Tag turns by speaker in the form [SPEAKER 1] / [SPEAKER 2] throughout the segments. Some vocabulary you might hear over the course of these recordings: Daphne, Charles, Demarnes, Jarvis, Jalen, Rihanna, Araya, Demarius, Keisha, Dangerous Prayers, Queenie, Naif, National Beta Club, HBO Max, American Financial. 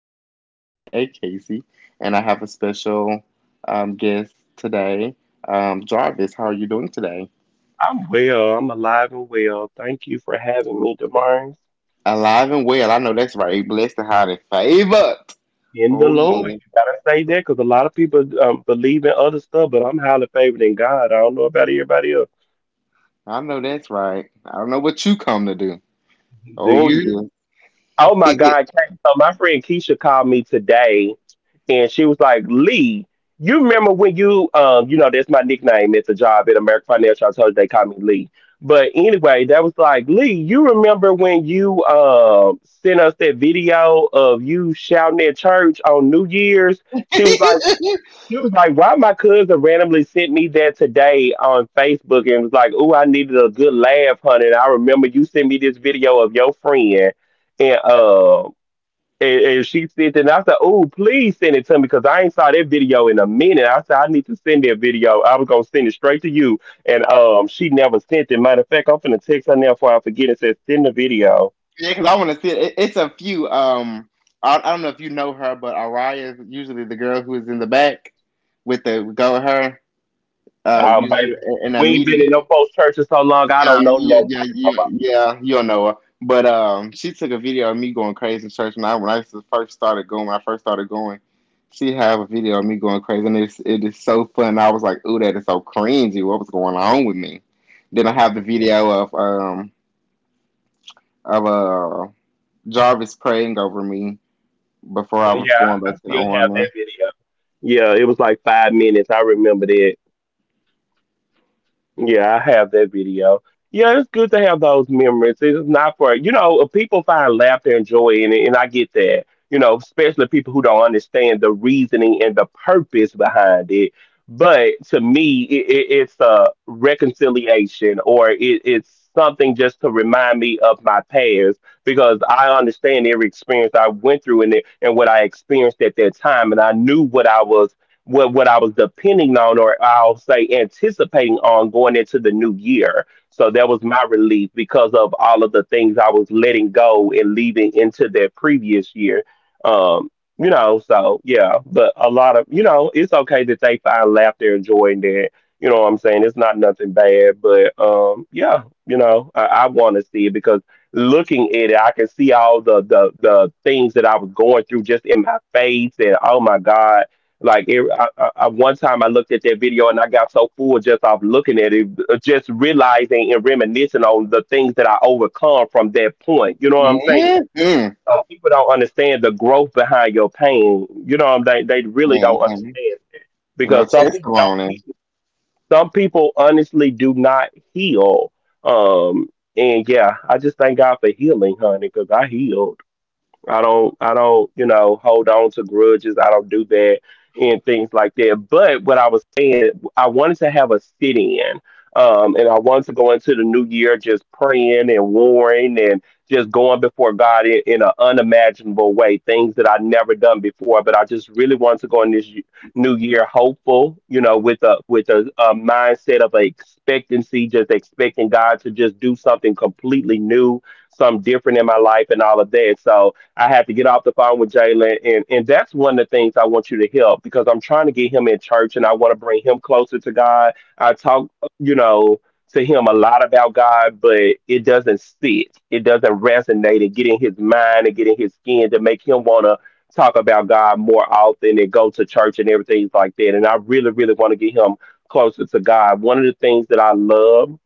[SPEAKER 1] Demarius, aka Casey, and I have a special guest today, Jarvis. How are you doing today?
[SPEAKER 2] I'm well. I'm alive and well. Thank you for having me, Demarnes.
[SPEAKER 1] Alive and well. I know that's right. Blessed and highly favored.
[SPEAKER 2] In the
[SPEAKER 1] Oh
[SPEAKER 2] Lord,
[SPEAKER 1] yeah,
[SPEAKER 2] you gotta say that because a lot of people believe in other stuff, but I'm highly favored in God. I don't know about everybody else.
[SPEAKER 1] I know that's right. I don't know what you come to do.
[SPEAKER 2] Do
[SPEAKER 1] Oh
[SPEAKER 2] you?
[SPEAKER 1] yeah.
[SPEAKER 2] Oh my God. Kay. So my friend Keisha called me today and she was like, Lee, you remember when you that's my nickname at the job at American Financial. I told you they call me Lee. But anyway, that was like, Lee, you remember when you sent us that video of you shouting at church on New Year's? She was like, why my cousin randomly sent me that today on Facebook and was like, "Ooh, I needed a good laugh, honey. And I remember you sent me this video of your friend." And and she sent it. And I said, oh, please send it to me because I ain't saw that video in a minute. I said, I need to send that video. I was going to send it straight to you. And she never sent it. Matter of fact, I'm finna text her now before I forget and said, send the video.
[SPEAKER 1] Yeah, because I want to see it. It's a few. I don't know if you know her, but Araya is usually the girl who's in the back with the go her. Usually
[SPEAKER 2] Baby,
[SPEAKER 1] in a
[SPEAKER 2] we ain't been
[SPEAKER 1] meeting.
[SPEAKER 2] in no post church in so long. I
[SPEAKER 1] Yeah,
[SPEAKER 2] don't know
[SPEAKER 1] yeah, yeah,
[SPEAKER 2] nobody.
[SPEAKER 1] yeah, yeah, you not know her. But she took a video of me going crazy in church when I first started going. She had a video of me going crazy and it is so fun. I was like, ooh, that is so cringy. What was going on with me? Then I have the video of of uh Jarvis praying over me before I was
[SPEAKER 2] Yeah,
[SPEAKER 1] going
[SPEAKER 2] I
[SPEAKER 1] back to the
[SPEAKER 2] still have
[SPEAKER 1] army.
[SPEAKER 2] that video. Yeah, it was like 5 minutes. I remember that. Yeah, I have that video. Yeah, it's good to have those memories. It's not for people find laughter and joy in it, and I get that. You know, especially people who don't understand the reasoning and the purpose behind it. But to me, it's a reconciliation, or it's something just to remind me of my past because I understand every experience I went through in it and what I experienced at that time, and I knew what I was what I was depending on, or I'll say anticipating on going into the new year. So that was my relief because of all of the things I was letting go and leaving into that previous year. Um, you know, so yeah, but a lot of it's okay that they find laughter and joy in that. You know what I'm saying? It's not nothing bad, but yeah, you know, I want to see it because looking at it, I can see all the the things that I was going through just in my face, and oh my god like it, one time, I looked at that video and I got so full just off looking at it, just realizing and reminiscing on the things that I overcome from that point. You know what I'm saying?
[SPEAKER 1] hmm
[SPEAKER 2] People don't understand the growth behind your pain. You know what I'm saying? They really don't
[SPEAKER 1] hmm
[SPEAKER 2] understand
[SPEAKER 1] No
[SPEAKER 2] because some people don't.
[SPEAKER 1] testimony.
[SPEAKER 2] heal. Some people honestly do not heal. Um, and yeah, I just thank God for healing, honey, because I healed. I don't, you know, hold on to grudges. I don't do that and things like that. But what I was saying, I wanted to have a sit in. And I wanted to go into the new year just praying and warring and just going before God in an unimaginable way, things that I'd never done before. But I just really wanted to go in this new year hopeful, you know, with a mindset of expectancy, just expecting God to just do something completely new, something different in my life, and all of that. So I had to get off the phone with Jalen, and that's one of the things I want you to help because I'm trying to get him in church, and I want to bring him closer to God. I talk, you know, to him a lot about God, but it doesn't sit, it doesn't resonate, and get in his mind and get in his skin to make him want to talk about God more often and go to church and everything like that. And I really, really want to get him closer to God. One of the things that I love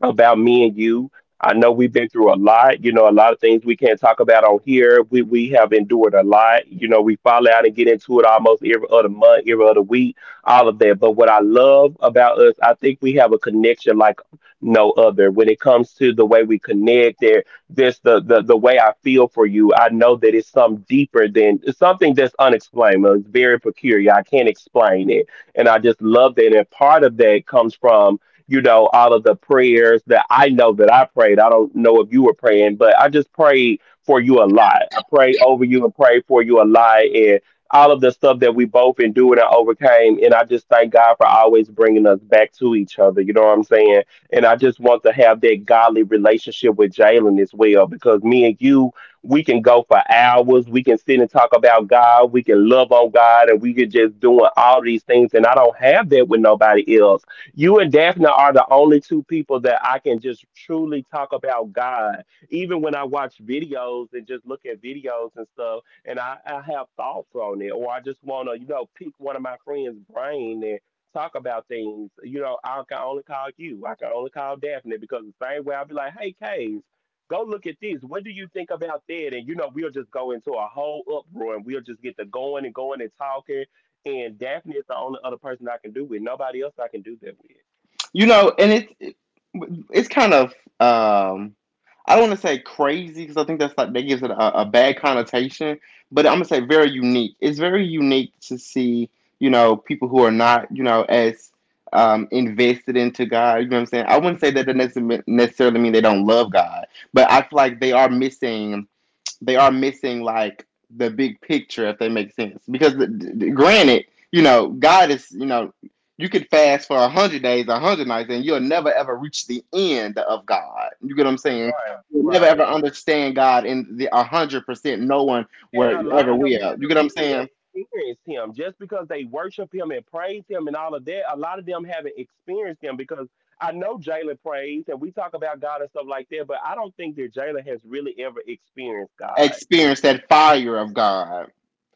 [SPEAKER 2] about me and you. I know we've been through a lot. You know, a lot of things we can't talk about on here. We have endured a lot. You know, we fall out and get into it almost every other month, every other week, all of that. But what I love about us, I think we have a connection like no other when it comes to the way we connect. There's the the way I feel for you. I know that it's something deeper than it's something that's unexplained. It's very peculiar. I can't explain it, and I just love that. And part of that comes from you know, all of the prayers that I know that I prayed. I don't know if you were praying, but I just prayed for you a lot. I prayed over you and prayed for you a lot and all of the stuff that we both endured and overcame. And I just thank God for always bringing us back to each other. You know what I'm saying? And I just want to have that godly relationship with Jalen as well, because me and you, we can go for hours. We can sit and talk about God. We can love on God and we can just doing all these things. And I don't have that with nobody else. You and Daphne are the only two people that I can just truly talk about God. Even when I watch videos and just look at videos and stuff, and I have thoughts on it, or I just want to, you know, pick one of my friends' brain and talk about things. You know, I can only call you. I can only call Daphne because the same way I'll be like, hey, Case, go look at this. What do you think about that? And, you know, we'll just go into a whole uproar and we'll just get to going and going and talking and Daphne is the only other person I can do with. Nobody else I can do that with.
[SPEAKER 1] You know, and it's kind of um, I don't want to say crazy because I think that's like that gives it a bad connotation, but I'm gonna say very unique. It's very unique to see, you know, people who are not, you know, as invested into God. You know what I'm saying? I wouldn't say that that doesn't necessarily mean they don't love God, but I feel like they are missing like the big picture if they make sense. Because granted, you know, God is, you know, you could fast for a hundred days, a hundred nights, and you'll never ever reach the end of God. You get what I'm
[SPEAKER 2] Yeah,
[SPEAKER 1] saying?
[SPEAKER 2] right,
[SPEAKER 1] You'll never ever
[SPEAKER 2] right.
[SPEAKER 1] understand God in the 100%. No one
[SPEAKER 2] And
[SPEAKER 1] will
[SPEAKER 2] a lot
[SPEAKER 1] ever
[SPEAKER 2] of
[SPEAKER 1] will.
[SPEAKER 2] them
[SPEAKER 1] You
[SPEAKER 2] haven't
[SPEAKER 1] get what I'm
[SPEAKER 2] really
[SPEAKER 1] saying?
[SPEAKER 2] experienced him. Just because they worship him and praise him and all of that, a lot of them haven't experienced him because I know Jalen prays and we talk about God and stuff like that, but I don't think that Jalen has really ever experienced God.
[SPEAKER 1] Experience that fire of God.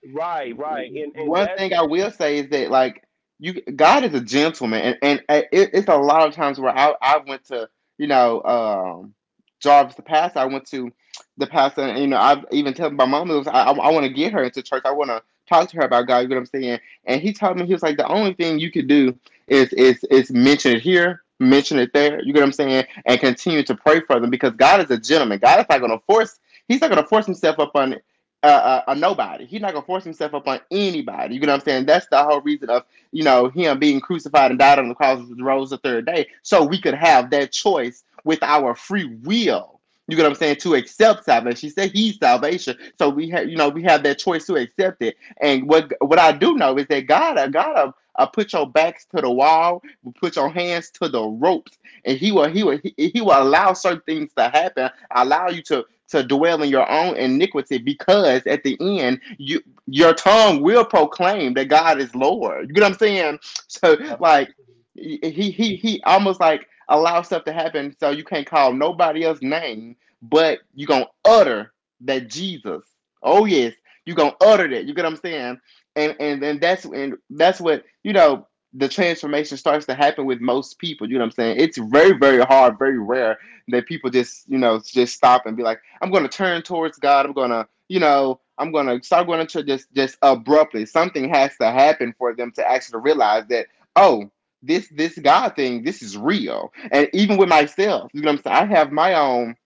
[SPEAKER 2] Right, right. And
[SPEAKER 1] One
[SPEAKER 2] that's
[SPEAKER 1] thing I will say is that like, you, God is a gentleman, and it, it's a lot of times where I went to, you know, Jarvis the pastor. I went to the pastor, and you know I've even told my mom it was I want to get her into church. I want to talk to her about God. You know what I'm saying? And he told me he was like the only thing you could do is mention it here. Mention it there, you get what I'm saying, and continue to pray for them because God is a gentleman. God is not going to force. He's not going to force himself up upon a nobody. He's not gonna force himself up on anybody. You know what I'm saying? That's the whole reason of, you know, him being crucified and died on the cross, rose the third day, so we could have that choice with our free will. You know what I'm saying? To accept salvation. He said he's salvation, so we have, you know, we have that choice to accept it. And what I do know is that God, I gotta. Put your backs to the wall, put your hands to the ropes, and he will allow certain things to happen, allow you to dwell in your own iniquity because at the end you your tongue will proclaim that God is Lord. You get what I'm saying? So like
[SPEAKER 2] absolutely.
[SPEAKER 1] he almost like allows stuff to happen so you can't call nobody else name, but you gonna utter that Jesus. Oh yes, you gonna utter that. You get what I'm saying? And that's and that's what you know. The transformation starts to happen with most people. You know what I'm saying? It's very, very hard, very rare that people just, you know, just stop and be like, I'm going to turn towards God. I'm going to, you know, I'm going to start going to church just abruptly. Something has to happen for them to actually realize that, oh, this God thing, this is real. And even with myself, you know what I'm saying? I have my own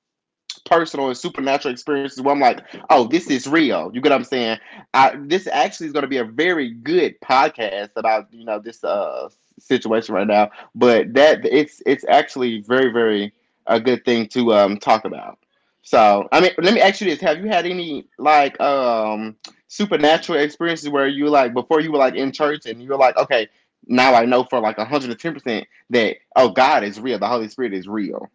[SPEAKER 1] personal and supernatural experiences where I'm like, oh, this is real. You get what I'm saying? I, this actually is going to be a very good podcast about, you know, this situation right now. But that it's actually very, very a good thing to talk about. So I mean, let me ask you this: Have you had any like supernatural experiences where you like before you were like in church and you were like, okay, now I know for like 110 percent that oh God is real, the Holy Spirit is real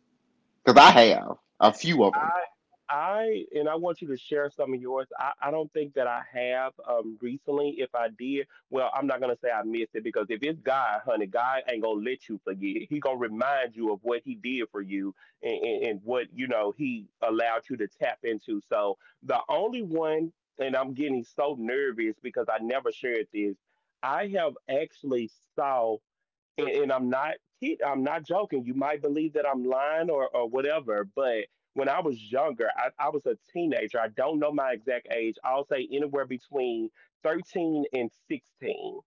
[SPEAKER 1] because I have a few of them.
[SPEAKER 2] I I and I want you to share some of yours. I don't think that I have recently. If I did, well, I'm not gonna say I missed it because if it's God, honey, God ain't gonna let you forget. He gonna remind you of what he did for you and what you know he allowed you to tap into. So the only one, and I'm getting so nervous because I never shared this. I have actually saw and I'm not joking. You might believe that I'm lying or whatever, but when I was younger, I was a teenager. I don't know my exact age. I'll say anywhere between 13 and 16.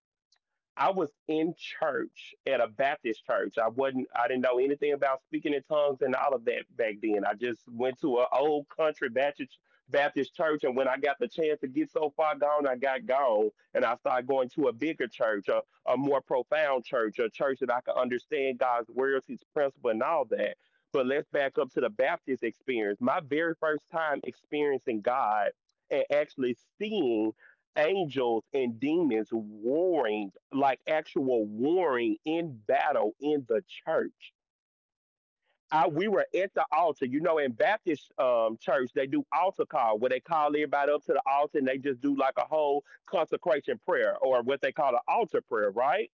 [SPEAKER 2] I was in church at a Baptist church. I didn't know anything about speaking in tongues and all of that back then. I just went to an old country Baptist church, and when I got the chance to get so far gone, I got gone and I started going to a bigger church, a more profound church, a church that I could understand God's words, his principle and all that. But let's back up to the Baptist experience. My very first time experiencing God and actually seeing angels and demons warring, like actual warring in battle in the church. We were at the altar. You know, in Baptist church, they do altar call where they call everybody up to the altar and they just do like a whole consecration prayer or what they call an altar prayer, right?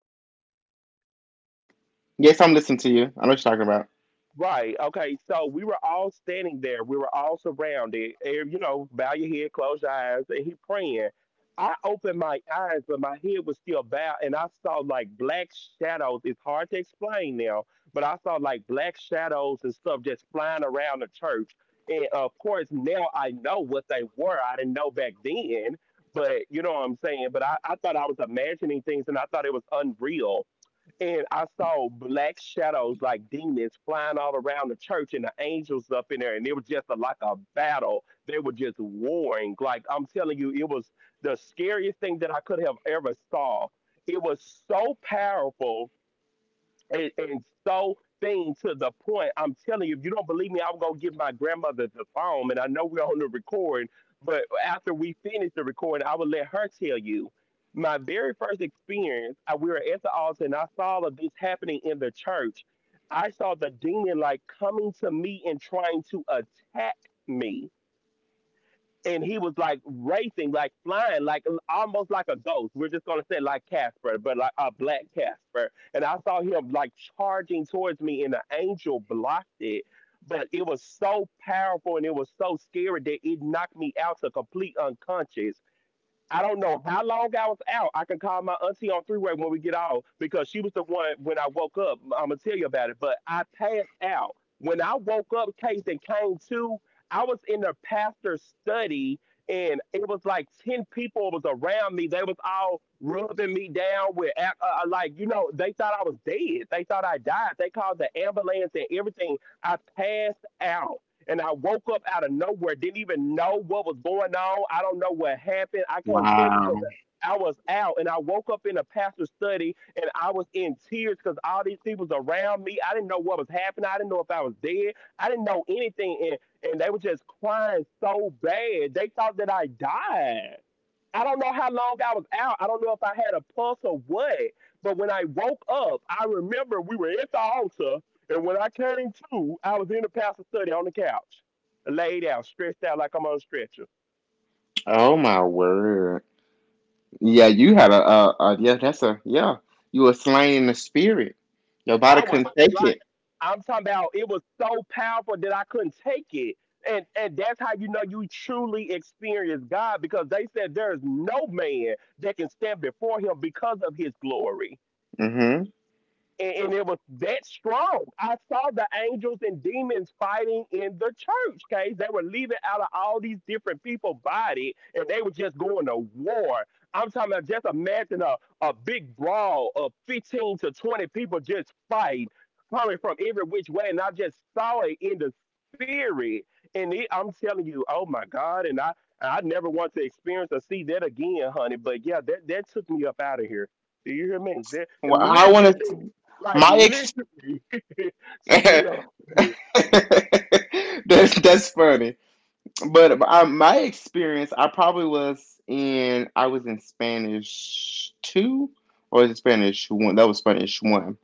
[SPEAKER 1] Yes, I'm listening to you. I know what you're talking about.
[SPEAKER 2] Right. Okay. So we were all standing there. We were all surrounded. And, you know, bow your head, close your eyes, and he praying. I opened my eyes, but my head was still bowed, and I saw like black shadows. It's hard to explain now, but I saw like black shadows and stuff just flying around the church. And of course, now I know what they were. I didn't know back then, but you know what I'm saying. But I thought I was imagining things, and I thought it was unreal and I saw black shadows like demons flying all around the church and the angels up in there. And it was just like a battle. They were just warring. Like I'm telling you, it was the scariest thing that I could have ever saw. It was so powerful and, so thing to the point. I'm telling you, if you don't believe me, I'm gonna give my grandmother the phone. And I know we're on the recording, but after we finish the recording, I will let her tell you. My very first experience, we were at the altar and I saw all of this happening in the church. I saw the demon like coming to me and trying to attack me, and he was like racing, like flying, like almost like a ghost. We're just gonna say like Casper, but like a black Casper. And I saw him like charging towards me, and the angel blocked it. But it was so powerful and it was so scary that it knocked me out to complete unconscious. I don't know how long I was out. I can call my auntie on three-way when we get off because she was the one when I woke up. I'm gonna tell you about it. But I passed out when I woke up. Case and came to. I was in the pastor's study and it was like 10 people was around me. They was all rubbing me down with like you know they thought I was dead. They thought I died. They called the ambulance and everything. I passed out and I woke up out of nowhere, didn't even know what was going on. I don't know what happened. I can't tell you because
[SPEAKER 1] Wow.
[SPEAKER 2] I was out and I woke up in a pastor's study and I was in tears because all these people was around me. I didn't know what was happening. I didn't know if I was dead. I didn't know anything. And they were just crying so bad. They thought that I died. I don't know how long I was out. I don't know if I had a pulse or what. But when I woke up, I remember we were at the altar. And when I came to, I was in the pastor's study on the couch, laid out, stretched out like I'm on a stretcher.
[SPEAKER 1] Oh my word. Yeah, you had a yeah. That's a yeah. You were slain in the spirit. Your body
[SPEAKER 2] I was
[SPEAKER 1] couldn't take
[SPEAKER 2] like,
[SPEAKER 1] it.
[SPEAKER 2] I'm talking about it was so powerful that I couldn't take it. And that's how you know you truly experience God because they said there is no man that can stand before him because of his glory.
[SPEAKER 1] Mm-hmm.
[SPEAKER 2] And it was that strong. I saw the angels and demons fighting in the church. Okay, they were leaving out of all these different people body, and they were just going to war. I'm talking about just imagine a big brawl of 15 to 20 people just fight coming from every which way, and I just saw it in the spirit. And it, I'm telling you, oh my God! And I never want to experience or see that again, honey. But yeah, that took me up out of here. Do you hear me? That
[SPEAKER 1] Well, I want
[SPEAKER 2] literally.
[SPEAKER 1] to.
[SPEAKER 2] Like
[SPEAKER 1] My ex.
[SPEAKER 2] literally took me up.
[SPEAKER 1] That's funny. But my experience, I probably was in. I was in Spanish two or was it Spanish one. That was Spanish one.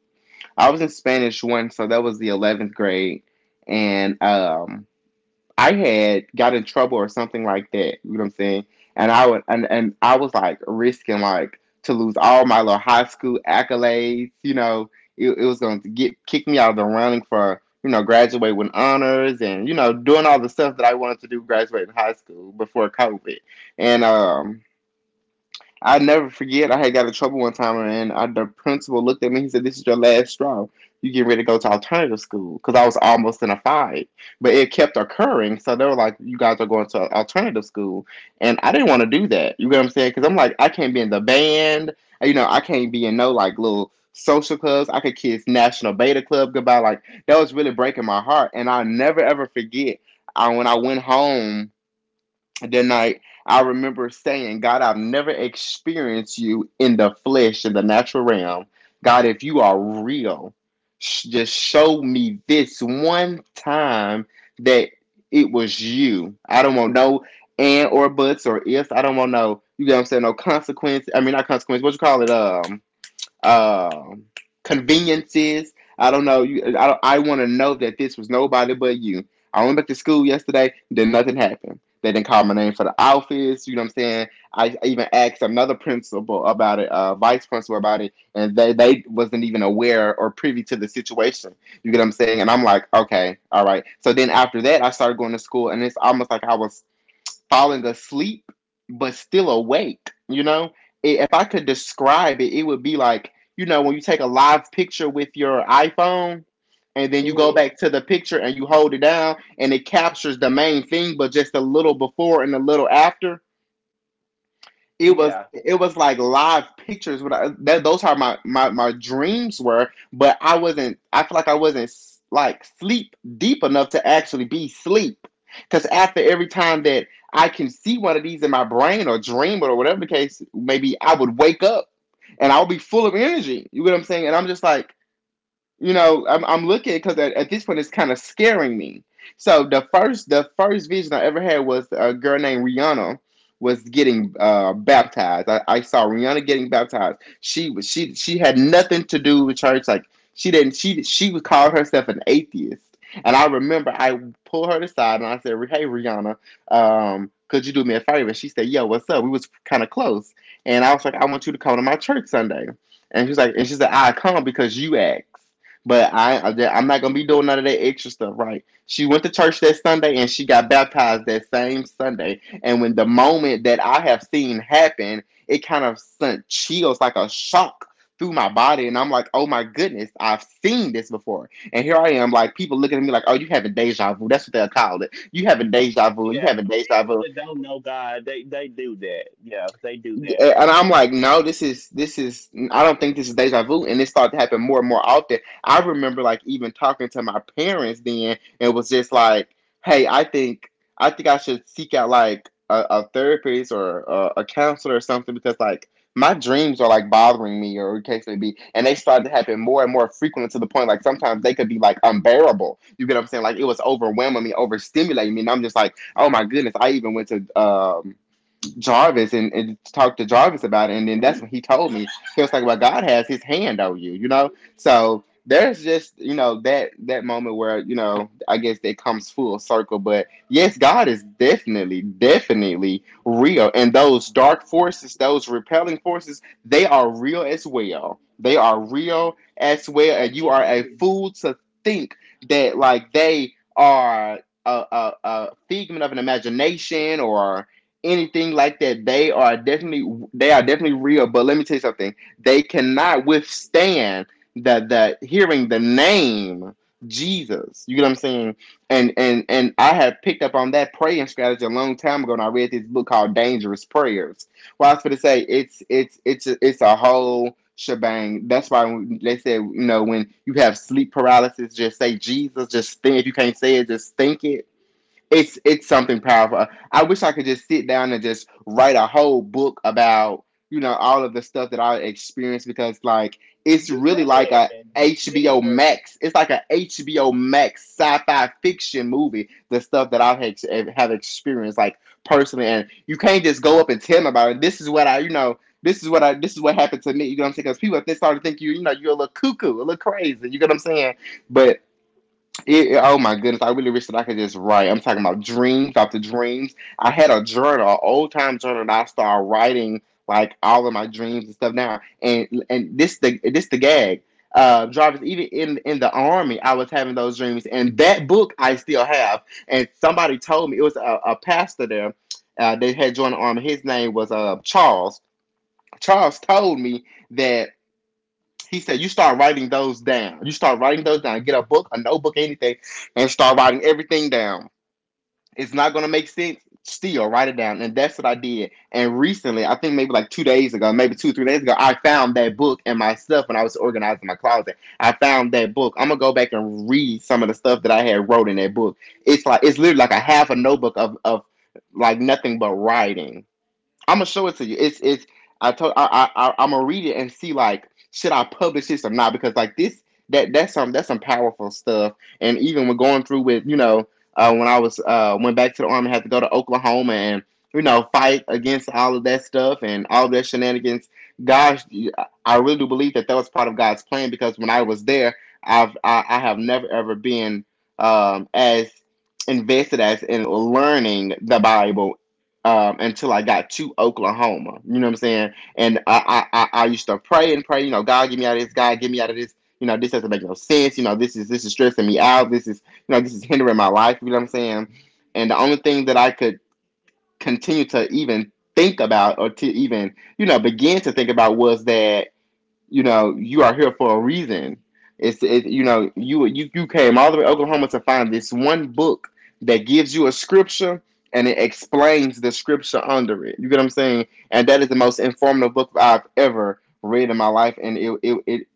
[SPEAKER 1] I was in Spanish one, so that was the 11th grade, and. I had got in trouble or something like that. You know what I'm saying? And I would and I was like risking like to lose all my little high school accolades. You know, it was going to get kick me out of the running for, you know, graduate with honors and, you know, doing all the stuff that I wanted to do graduating high school before COVID. And I never forget. I had got in trouble one time, and I, the principal looked at me. He said, "This is your last straw. You get ready to go to alternative school." Because I was almost in a fight, but it kept occurring. So they were like, "You guys are going to alternative school," and I didn't want to do that. You get what I'm saying? Because I'm like, I can't be in the band. You know, I can't be in no like little social clubs. I could kiss National Beta Club goodbye. Like that was really breaking my heart, and I never ever forget. I, when I went home that night, I remember saying, God, I've never experienced you in the flesh, in the natural realm. God, if you are real, just show me this one time that it was you. I don't want no and or buts or ifs. I don't want no, you know what I'm saying, no consequence. I mean, not consequence, what you call it? Um, conveniences. I don't know. You, I, don't- I want to know that this was nobody but you. I went back to school yesterday, then nothing happened. They didn't call my name for the office. You know what I'm saying? I even asked another principal about it, vice principal about it, and they wasn't even aware or privy to the situation. You get what I'm saying? And I'm like, okay, all right. So then after that, I started going to school, and it's almost like I was falling asleep but still awake. You know, if I could describe it, it would be like, you know, when you take a live picture with your iPhone and then you go
[SPEAKER 2] hmm
[SPEAKER 1] back to the picture and you hold it down and it captures the main thing but just a little before and a little after,
[SPEAKER 2] Yeah,
[SPEAKER 1] it was like live pictures but I, that those are my, my my dreams were but I feel like I wasn't like sleep deep enough to actually be sleep because after every time that I can see one of these in my brain or dream or whatever the case maybe I would wake up and I would be full of energy, you get what I'm saying, and I'm just like, you know, I'm looking because at this point it's kind of scaring me. So the first vision I ever had was a girl named Rihanna was getting baptized. I saw Rihanna getting baptized. She was she had nothing to do with church. Like she didn't she would call herself an atheist. And I remember I pulled her aside and I said, "Hey Rihanna, could you do me a favor?" She said, "Yo, what's up?" We was kind of close, and I was like, "I want you to come to my church Sunday." And she's like, and she said, "I come because you asked. But I- am not gonna be doing none of that extra stuff," right? She went to church that Sunday and she got baptized that same Sunday. And when the moment that I have seen happen, it kind of sent chills like a shock through my body, and I'm like, oh my goodness, I've seen this before. And here I am, like people looking at me like, oh, you having deja vu? That's what they'll call it. You having deja vu? You
[SPEAKER 2] yeah.
[SPEAKER 1] having deja
[SPEAKER 2] People
[SPEAKER 1] vu?
[SPEAKER 2] that don't know God, they do that. Yeah, they do that.
[SPEAKER 1] And I'm like, no, this is this is. I don't think this is deja vu, and it started to happen more and more often. I remember like even talking to my parents then, and was just like, hey, I think I should seek out like a therapist or a counselor or something, because like my dreams are like bothering me, or case may be, and they started to happen more and more frequently, to the point like sometimes they could be like unbearable. You get what I'm saying? Like it was overwhelming me, overstimulating me, and I'm just like, oh my goodness, I even went to Jarvis and, talked to Jarvis about it, and then that's when he told me, he was talking about, God has His hand on you, you know. So there's just, you know, that that moment where, you know, I guess it comes full circle. But yes, God is definitely definitely real, and those dark forces, those repelling forces, they are real as well. They are real as well, and you are a
[SPEAKER 2] Absolutely.
[SPEAKER 1] fool to think that like they are a figment of an imagination or anything like that. They are definitely, they are definitely real. But let me tell you something: they cannot withstand the hearing the name Jesus. You get what I'm saying? And I had picked up on that praying strategy a long time ago, and I read this book called Dangerous Prayers. Well, I was going to say it's a, it's a whole shebang. That's why they said, you know, when you have sleep paralysis, just say Jesus. Just think, if you can't say it, just think it. It's something powerful. I wish I could just sit down and just write a whole book about, you know, all of the stuff that I experienced, because like it's
[SPEAKER 2] You
[SPEAKER 1] really like a
[SPEAKER 2] can.
[SPEAKER 1] HBO
[SPEAKER 2] You can.
[SPEAKER 1] Max. It's like a HBO Max sci-fi fiction movie. The stuff that I have experienced like personally, and you can't just go up and tell them about it. This is what I you know. This is what I. This is what happened to me. You know what I'm saying? Because people, if they start to think you're a little cuckoo, a little crazy. You get what I'm saying? But it, oh my goodness, I really wish that I could just write. I'm talking about dreams after dreams. I had a journal, an old time journal, that I started writing like all of my dreams and stuff now. And this the gag. Drivers, even in the army, I was having those dreams. And that book I still have. And somebody told me, it was a pastor there. They had joined the army. His name was Charles. Charles told me that, he said, you start writing those down. You start writing those down. Get a book, a notebook, anything, and start writing everything down. It's not going to make sense. Still, write it down. And that's what I did. And recently, I think maybe like 2 days ago, maybe two, 3 days ago, I found that book and myself when I was organizing my closet. I found that book. I'm going to go back and read some of the stuff that I had wrote in that book. It's like, it's literally like a half a notebook of like nothing but writing. I'm gonna show it to you. It's I am gonna read it and see, like, should I publish this or not, because like this, that's some powerful stuff. And even when going through with, you know, when I was went back to the army, had to go to Oklahoma and, you know, fight against all of that stuff and all that shenanigans. Gosh, I really do believe that that was part of God's plan, because when I was there, I have never ever been as invested as in learning the Bible until I got to Oklahoma. You know what I'm saying? And I used to pray and pray, you know, God, get me out of this. God, get me out of this. You know, this doesn't make no sense. You know, this is stressing me out. This is, you know, this is hindering my life. You know what I'm saying? And the only thing that I could continue to even think about, or to even, you know, begin to think about, was that, you know, you are here for a reason. It's it, you know, you came all the way to Oklahoma to find this one book that gives you a scripture, and it explains the scripture under it. You get what I'm saying? And that is the most informative book I've ever read in my life. And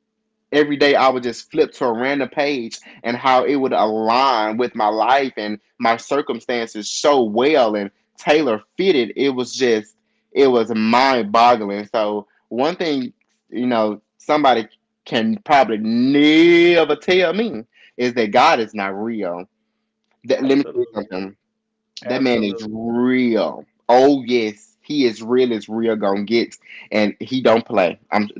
[SPEAKER 1] every day I would just flip to a random page, and how it would align with my life and my circumstances so well and tailor fitted. It was just, it was mind boggling. So, one thing, you know, somebody can probably never tell me is that God is not real. That, let me tell you
[SPEAKER 2] Absolutely.
[SPEAKER 1] something. That man is
[SPEAKER 2] Absolutely.
[SPEAKER 1] real. Oh yes, he is real as real gonna get, and he don't play. I'm,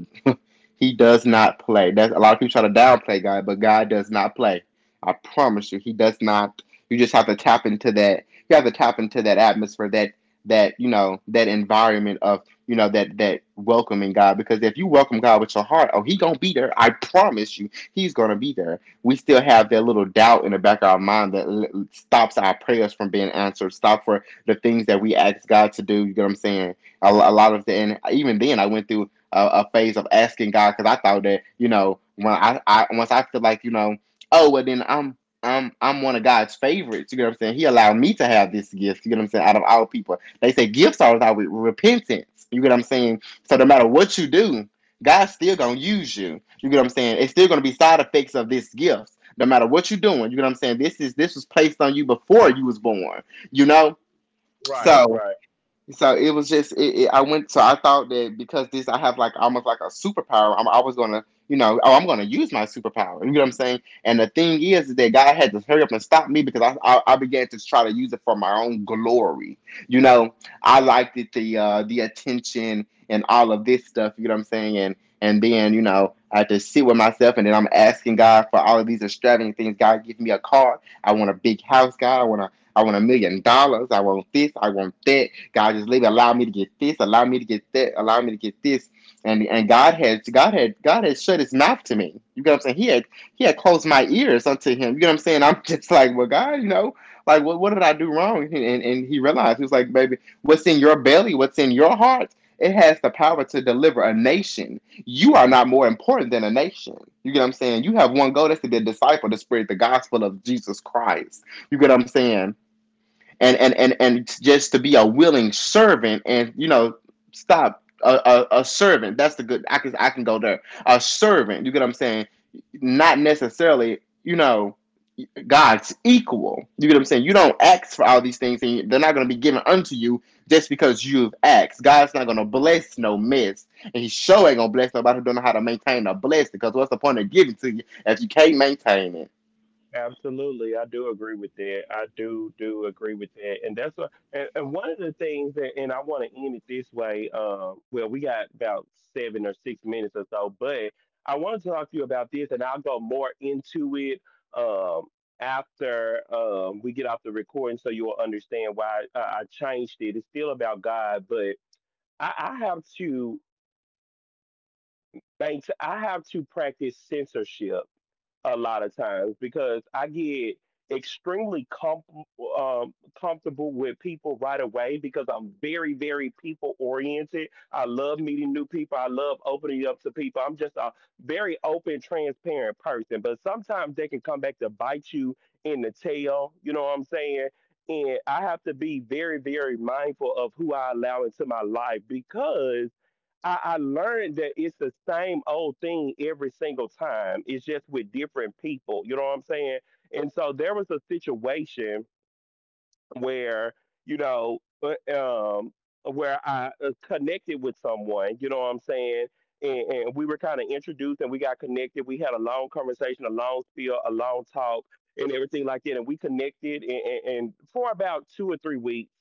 [SPEAKER 1] he does not play. That's a lot of people try to downplay God, but God does not play. I promise you, he does not. You just have to tap into that. You have to tap into that atmosphere, that, that, you know, that environment of, you know, that that welcoming God. Because if you welcome God with your heart, oh, he gonna be there. I promise you, he's gonna be there. We still have that little doubt in the back of our mind that stops our prayers from being answered, stop for the things that we ask God to do. You know what I'm saying? A lot of the, and even then, I went through a phase of asking God, because I thought that, you know, when I once I feel like, you know, oh well then I'm one of God's favorites. You know what I'm saying? He allowed me to have this gift. You know what I'm saying? Out of all people, they say gifts are without repentance. You get what I'm saying? So no matter what you do, God's still gonna use you. You get what I'm saying? It's still gonna be side effects of this gift, no matter what you're doing. You get what I'm saying? This was placed on you before you was born. You know,
[SPEAKER 2] Right.
[SPEAKER 1] so
[SPEAKER 2] Right.
[SPEAKER 1] so it was just I went, so I thought that because this, I have like almost like a superpower, I'm always gonna, you know, oh I'm gonna use my superpower, you know what I'm saying. And the thing is that God had to hurry up and stop me, because I began to try to use it for my own glory, you know. I liked it, the attention and all of this stuff, you know what I'm saying. And then, you know, I had to sit with myself, and then I'm asking God for all of these extravagant things. God give me a car, I want a big house, God I want a million dollars, I want this, I want that. God just leave, allow me to get this, allow me to get that, allow me to get this. And God had shut his mouth to me. You get what I'm saying? He had, he had closed my ears unto him. You get what I'm saying? I'm just like, well, God, you know, like what did I do wrong? And he realized, he was like, baby, what's in your belly, what's in your heart, it has the power to deliver a nation. You are not more important than a nation. You get what I'm saying? You have one goal, that's to be a disciple, to spread the gospel of Jesus Christ. You get what I'm saying? And just to be a willing servant, and, you know, stop a servant that's the good. I can go there, a servant, you get what I'm saying, not necessarily, you know, God's equal. You get what I'm saying? You don't ask for all these things and they're not going to be given unto you just because you've asked. God's not going to bless no mess, and he sure ain't going to bless nobody who don't know how to maintain a blessing, because what's the point of giving to you if you can't maintain it?
[SPEAKER 2] Absolutely, I do agree with that. I do do agree with that, and that's what. And one of the things that, and I want to end it this way. Well, we got about 7 or 6 minutes or so, but I want to talk to you about this, and I'll go more into it um, after we get off the recording, so you will understand why I changed it. It's still about God, but I have to. I have to practice censorship a lot of times because I get extremely comfortable with people right away because I'm very, very people oriented. I love meeting new people. I love opening up to people. I'm just a very open, transparent person, but sometimes they can come back to bite you in the tail. You know what I'm saying? And I have to be very, very mindful of who I allow into my life because I learned that it's the same old thing every single time. It's just with different people. You know what I'm saying? And so there was a situation where you know uh, um where I connected with someone, you know what I'm saying? And we were kind of introduced and we got connected. We had a long conversation, a long spiel, a long talk, and everything like that. And we connected and for about 2 or 3 weeks.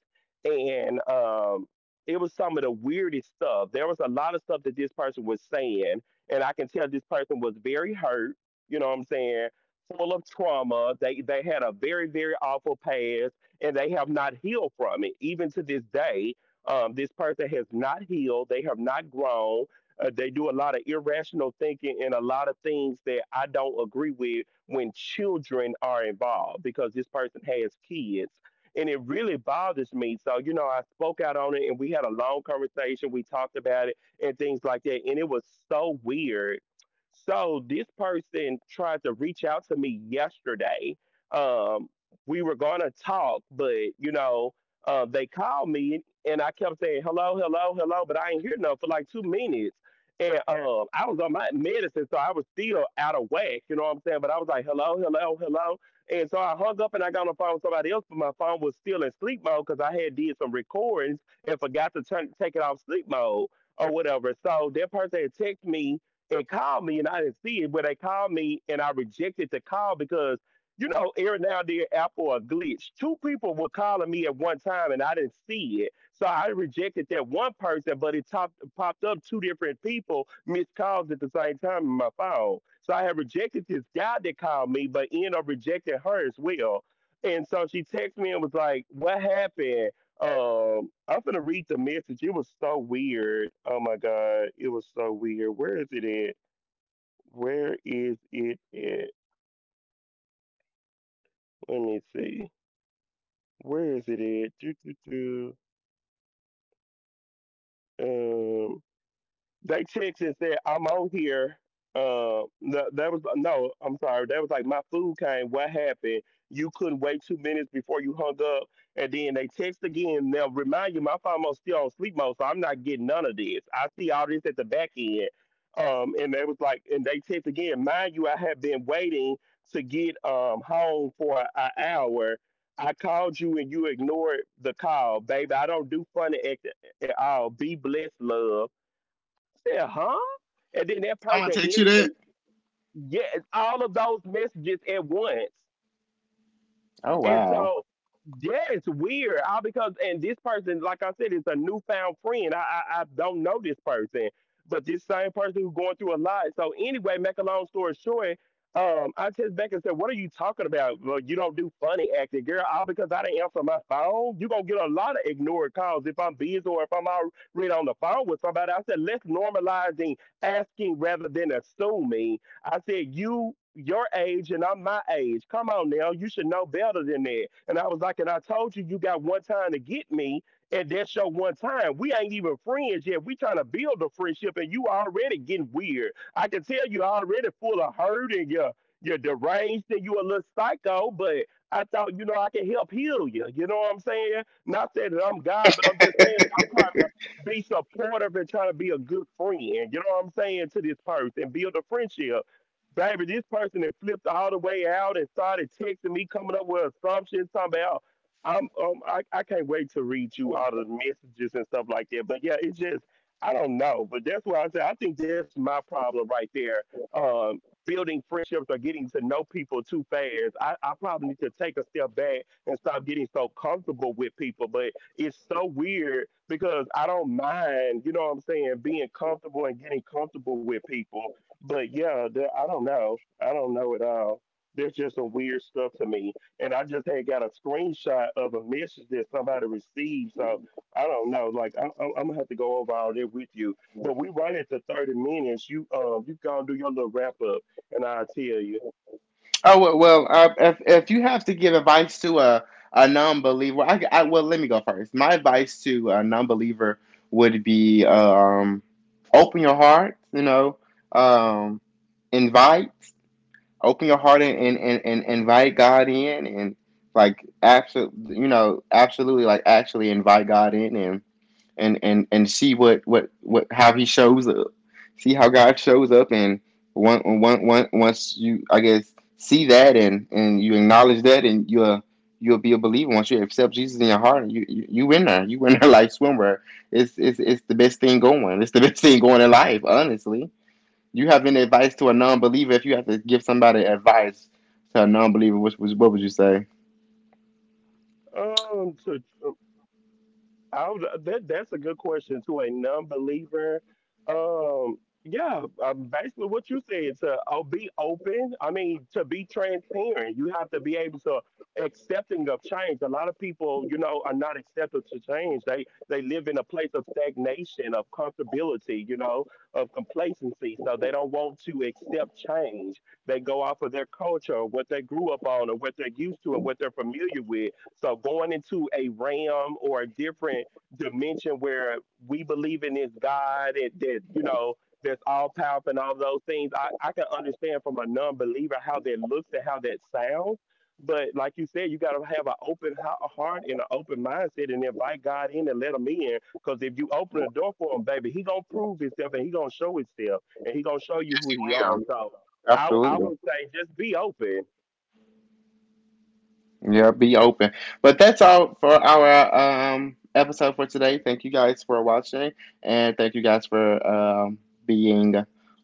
[SPEAKER 2] And It was some of the weirdest stuff. There was a lot of stuff that this person was saying. And I can tell this person was very hurt, you know what I'm saying? Full of trauma. They had a very, very awful past and they have not healed from it. Even to this day, this person has not healed. They have not grown. They do a lot of irrational thinking and a lot of things that I don't agree with when children are involved because this person has kids. And it really bothers me. So, you know, I spoke out on it and we had a long conversation. We talked about it and things like that. And it was so weird. So, this person tried to reach out to me yesterday. Um, we were going to talk, but you know, they called me and I kept saying hello, hello, hello, but I ain't hear nothing for like 2 minutes. And I was on my medicine, so I was still out of whack. You know what I'm saying? But I was like, hello, hello, hello. And so I hung up and I got on the phone with somebody else, but my phone was still in sleep mode because I had did some recordings and forgot to turn take it off sleep mode or whatever. So that person had texted me and called me, and I didn't see it, but they called me and I rejected the call because you know, every now and then Apple a glitch. Two people were calling me at one time and I didn't see it. So I rejected that one person, but it popped up two different people missed calls at the same time in my phone. So I had rejected this guy that called me, but ended up rejecting her as well. And so she texted me and was like, "What happened?" I'm gonna read the message. It was so weird. Oh my god, it was so weird. Where is it at? Where is it at? Let me see. Where is it at? Do, do, do. They checked and said, "I'm on here." No, that was no. I'm sorry. That was like my food came. "What happened? You couldn't wait 2 minutes before you hung up," and then they text again. Now remind you, my phone was still on sleep mode, so I'm not getting none of this. I see all this at the back end. And they was like, and they text again. "Mind you, I have been waiting to get home for an hour. I called you and you ignored the call, baby. I don't do funny act at all. Be blessed, love." I said, "Huh?" And then that
[SPEAKER 1] I'm gonna
[SPEAKER 2] person
[SPEAKER 1] text you that.
[SPEAKER 2] instantly, yeah, all of those messages at once.
[SPEAKER 1] Oh
[SPEAKER 2] And
[SPEAKER 1] wow.
[SPEAKER 2] so yes, weird. All because and this person, like I said, is a newfound friend. I don't know this person, but this same person who's going through a lot. So anyway, make a long story short, I text back and said, "What are you talking about? Well, you don't do funny acting, girl. All because I didn't answer my phone. You gonna get a lot of ignored calls if I'm busy or if I'm already on the phone with somebody." I said, "Let's normalize the asking rather than assuming." I said, you, your age, and I'm my age. Come on now, you should know better than that. And I was like, and I told you, you got one time to get me, and that's your one time. We ain't even friends yet. We trying to build a friendship, and you already getting weird. I can tell you already full of hurt, and you're deranged, and you a little psycho, but I thought, you know, I can help heal you. You know what I'm saying? Not saying that I'm God, but I'm just saying I'm trying to be supportive and trying to be a good friend. You know what I'm saying to this person and build a friendship. Baby, this person that flipped all the way out and started texting me, coming up with assumptions, talking about I can't wait to read you all the messages and stuff like that. But yeah, it just I don't know. But that's why I say I think that's my problem right there. Building friendships or getting to know people too fast. I probably need to take a step back and stop getting so comfortable with people. But it's so weird because I don't mind, you know what I'm saying, being comfortable and getting comfortable with people but yeah, the, I don't know. I don't know at all. There's just some weird stuff to me. And I just had got a screenshot of a message that somebody received. So I don't know. Like I'm gonna have to go over all that with you. But we run into 30 minutes. You you go and do your little wrap up, and I'll tell you.
[SPEAKER 1] Oh well, well, if you have to give advice to a non-believer, I well let me go first. My advice to a non-believer would be, open your heart. You know, um, invite, open your heart and, and invite God in, and, like, absolutely, you know, absolutely, like actually invite God in, and and see what, how he shows up. See how God shows up. And once you, I guess, see that and you acknowledge that and you, you'll be a believer. Once you accept Jesus in your heart, you in there, you in there, like swimwear. It's it's the best thing going. It's the best thing going in life, honestly. You have any advice to a non-believer? If you have to give somebody advice to a non-believer, which was what would you say?
[SPEAKER 2] To that that's a good question. To a non-believer. Um, yeah, basically what you said to oh, be open. I mean, to be transparent, you have to be able to accepting of change. A lot of people, you know, are not accepted to change. They live in a place of stagnation, of comfortability, you know, of complacency. So they don't want to accept change. They go off of their culture, what they grew up on, or what they're used to, and what they're familiar with so going into a realm or a different dimension where we believe in this God that you know that's all powerful and all those things, I can understand from a non-believer how that looks and how that sounds. But like you said, you got to have an open heart and an open mindset and invite God in and let him in. Because if you open the door for him, baby, he going to prove himself and he going to show himself and he going to show you
[SPEAKER 1] Yes,
[SPEAKER 2] who he
[SPEAKER 1] he will.
[SPEAKER 2] are. So I
[SPEAKER 1] Absolutely.
[SPEAKER 2] would say just be open.
[SPEAKER 1] Yeah, be open. But that's all for our episode for today. Thank you guys for watching, and thank you guys for being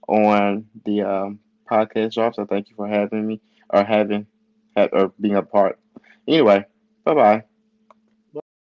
[SPEAKER 1] on the podcast drop. So thank you for having me, or having, or being a part. Anyway, bye bye.
[SPEAKER 2] Bye.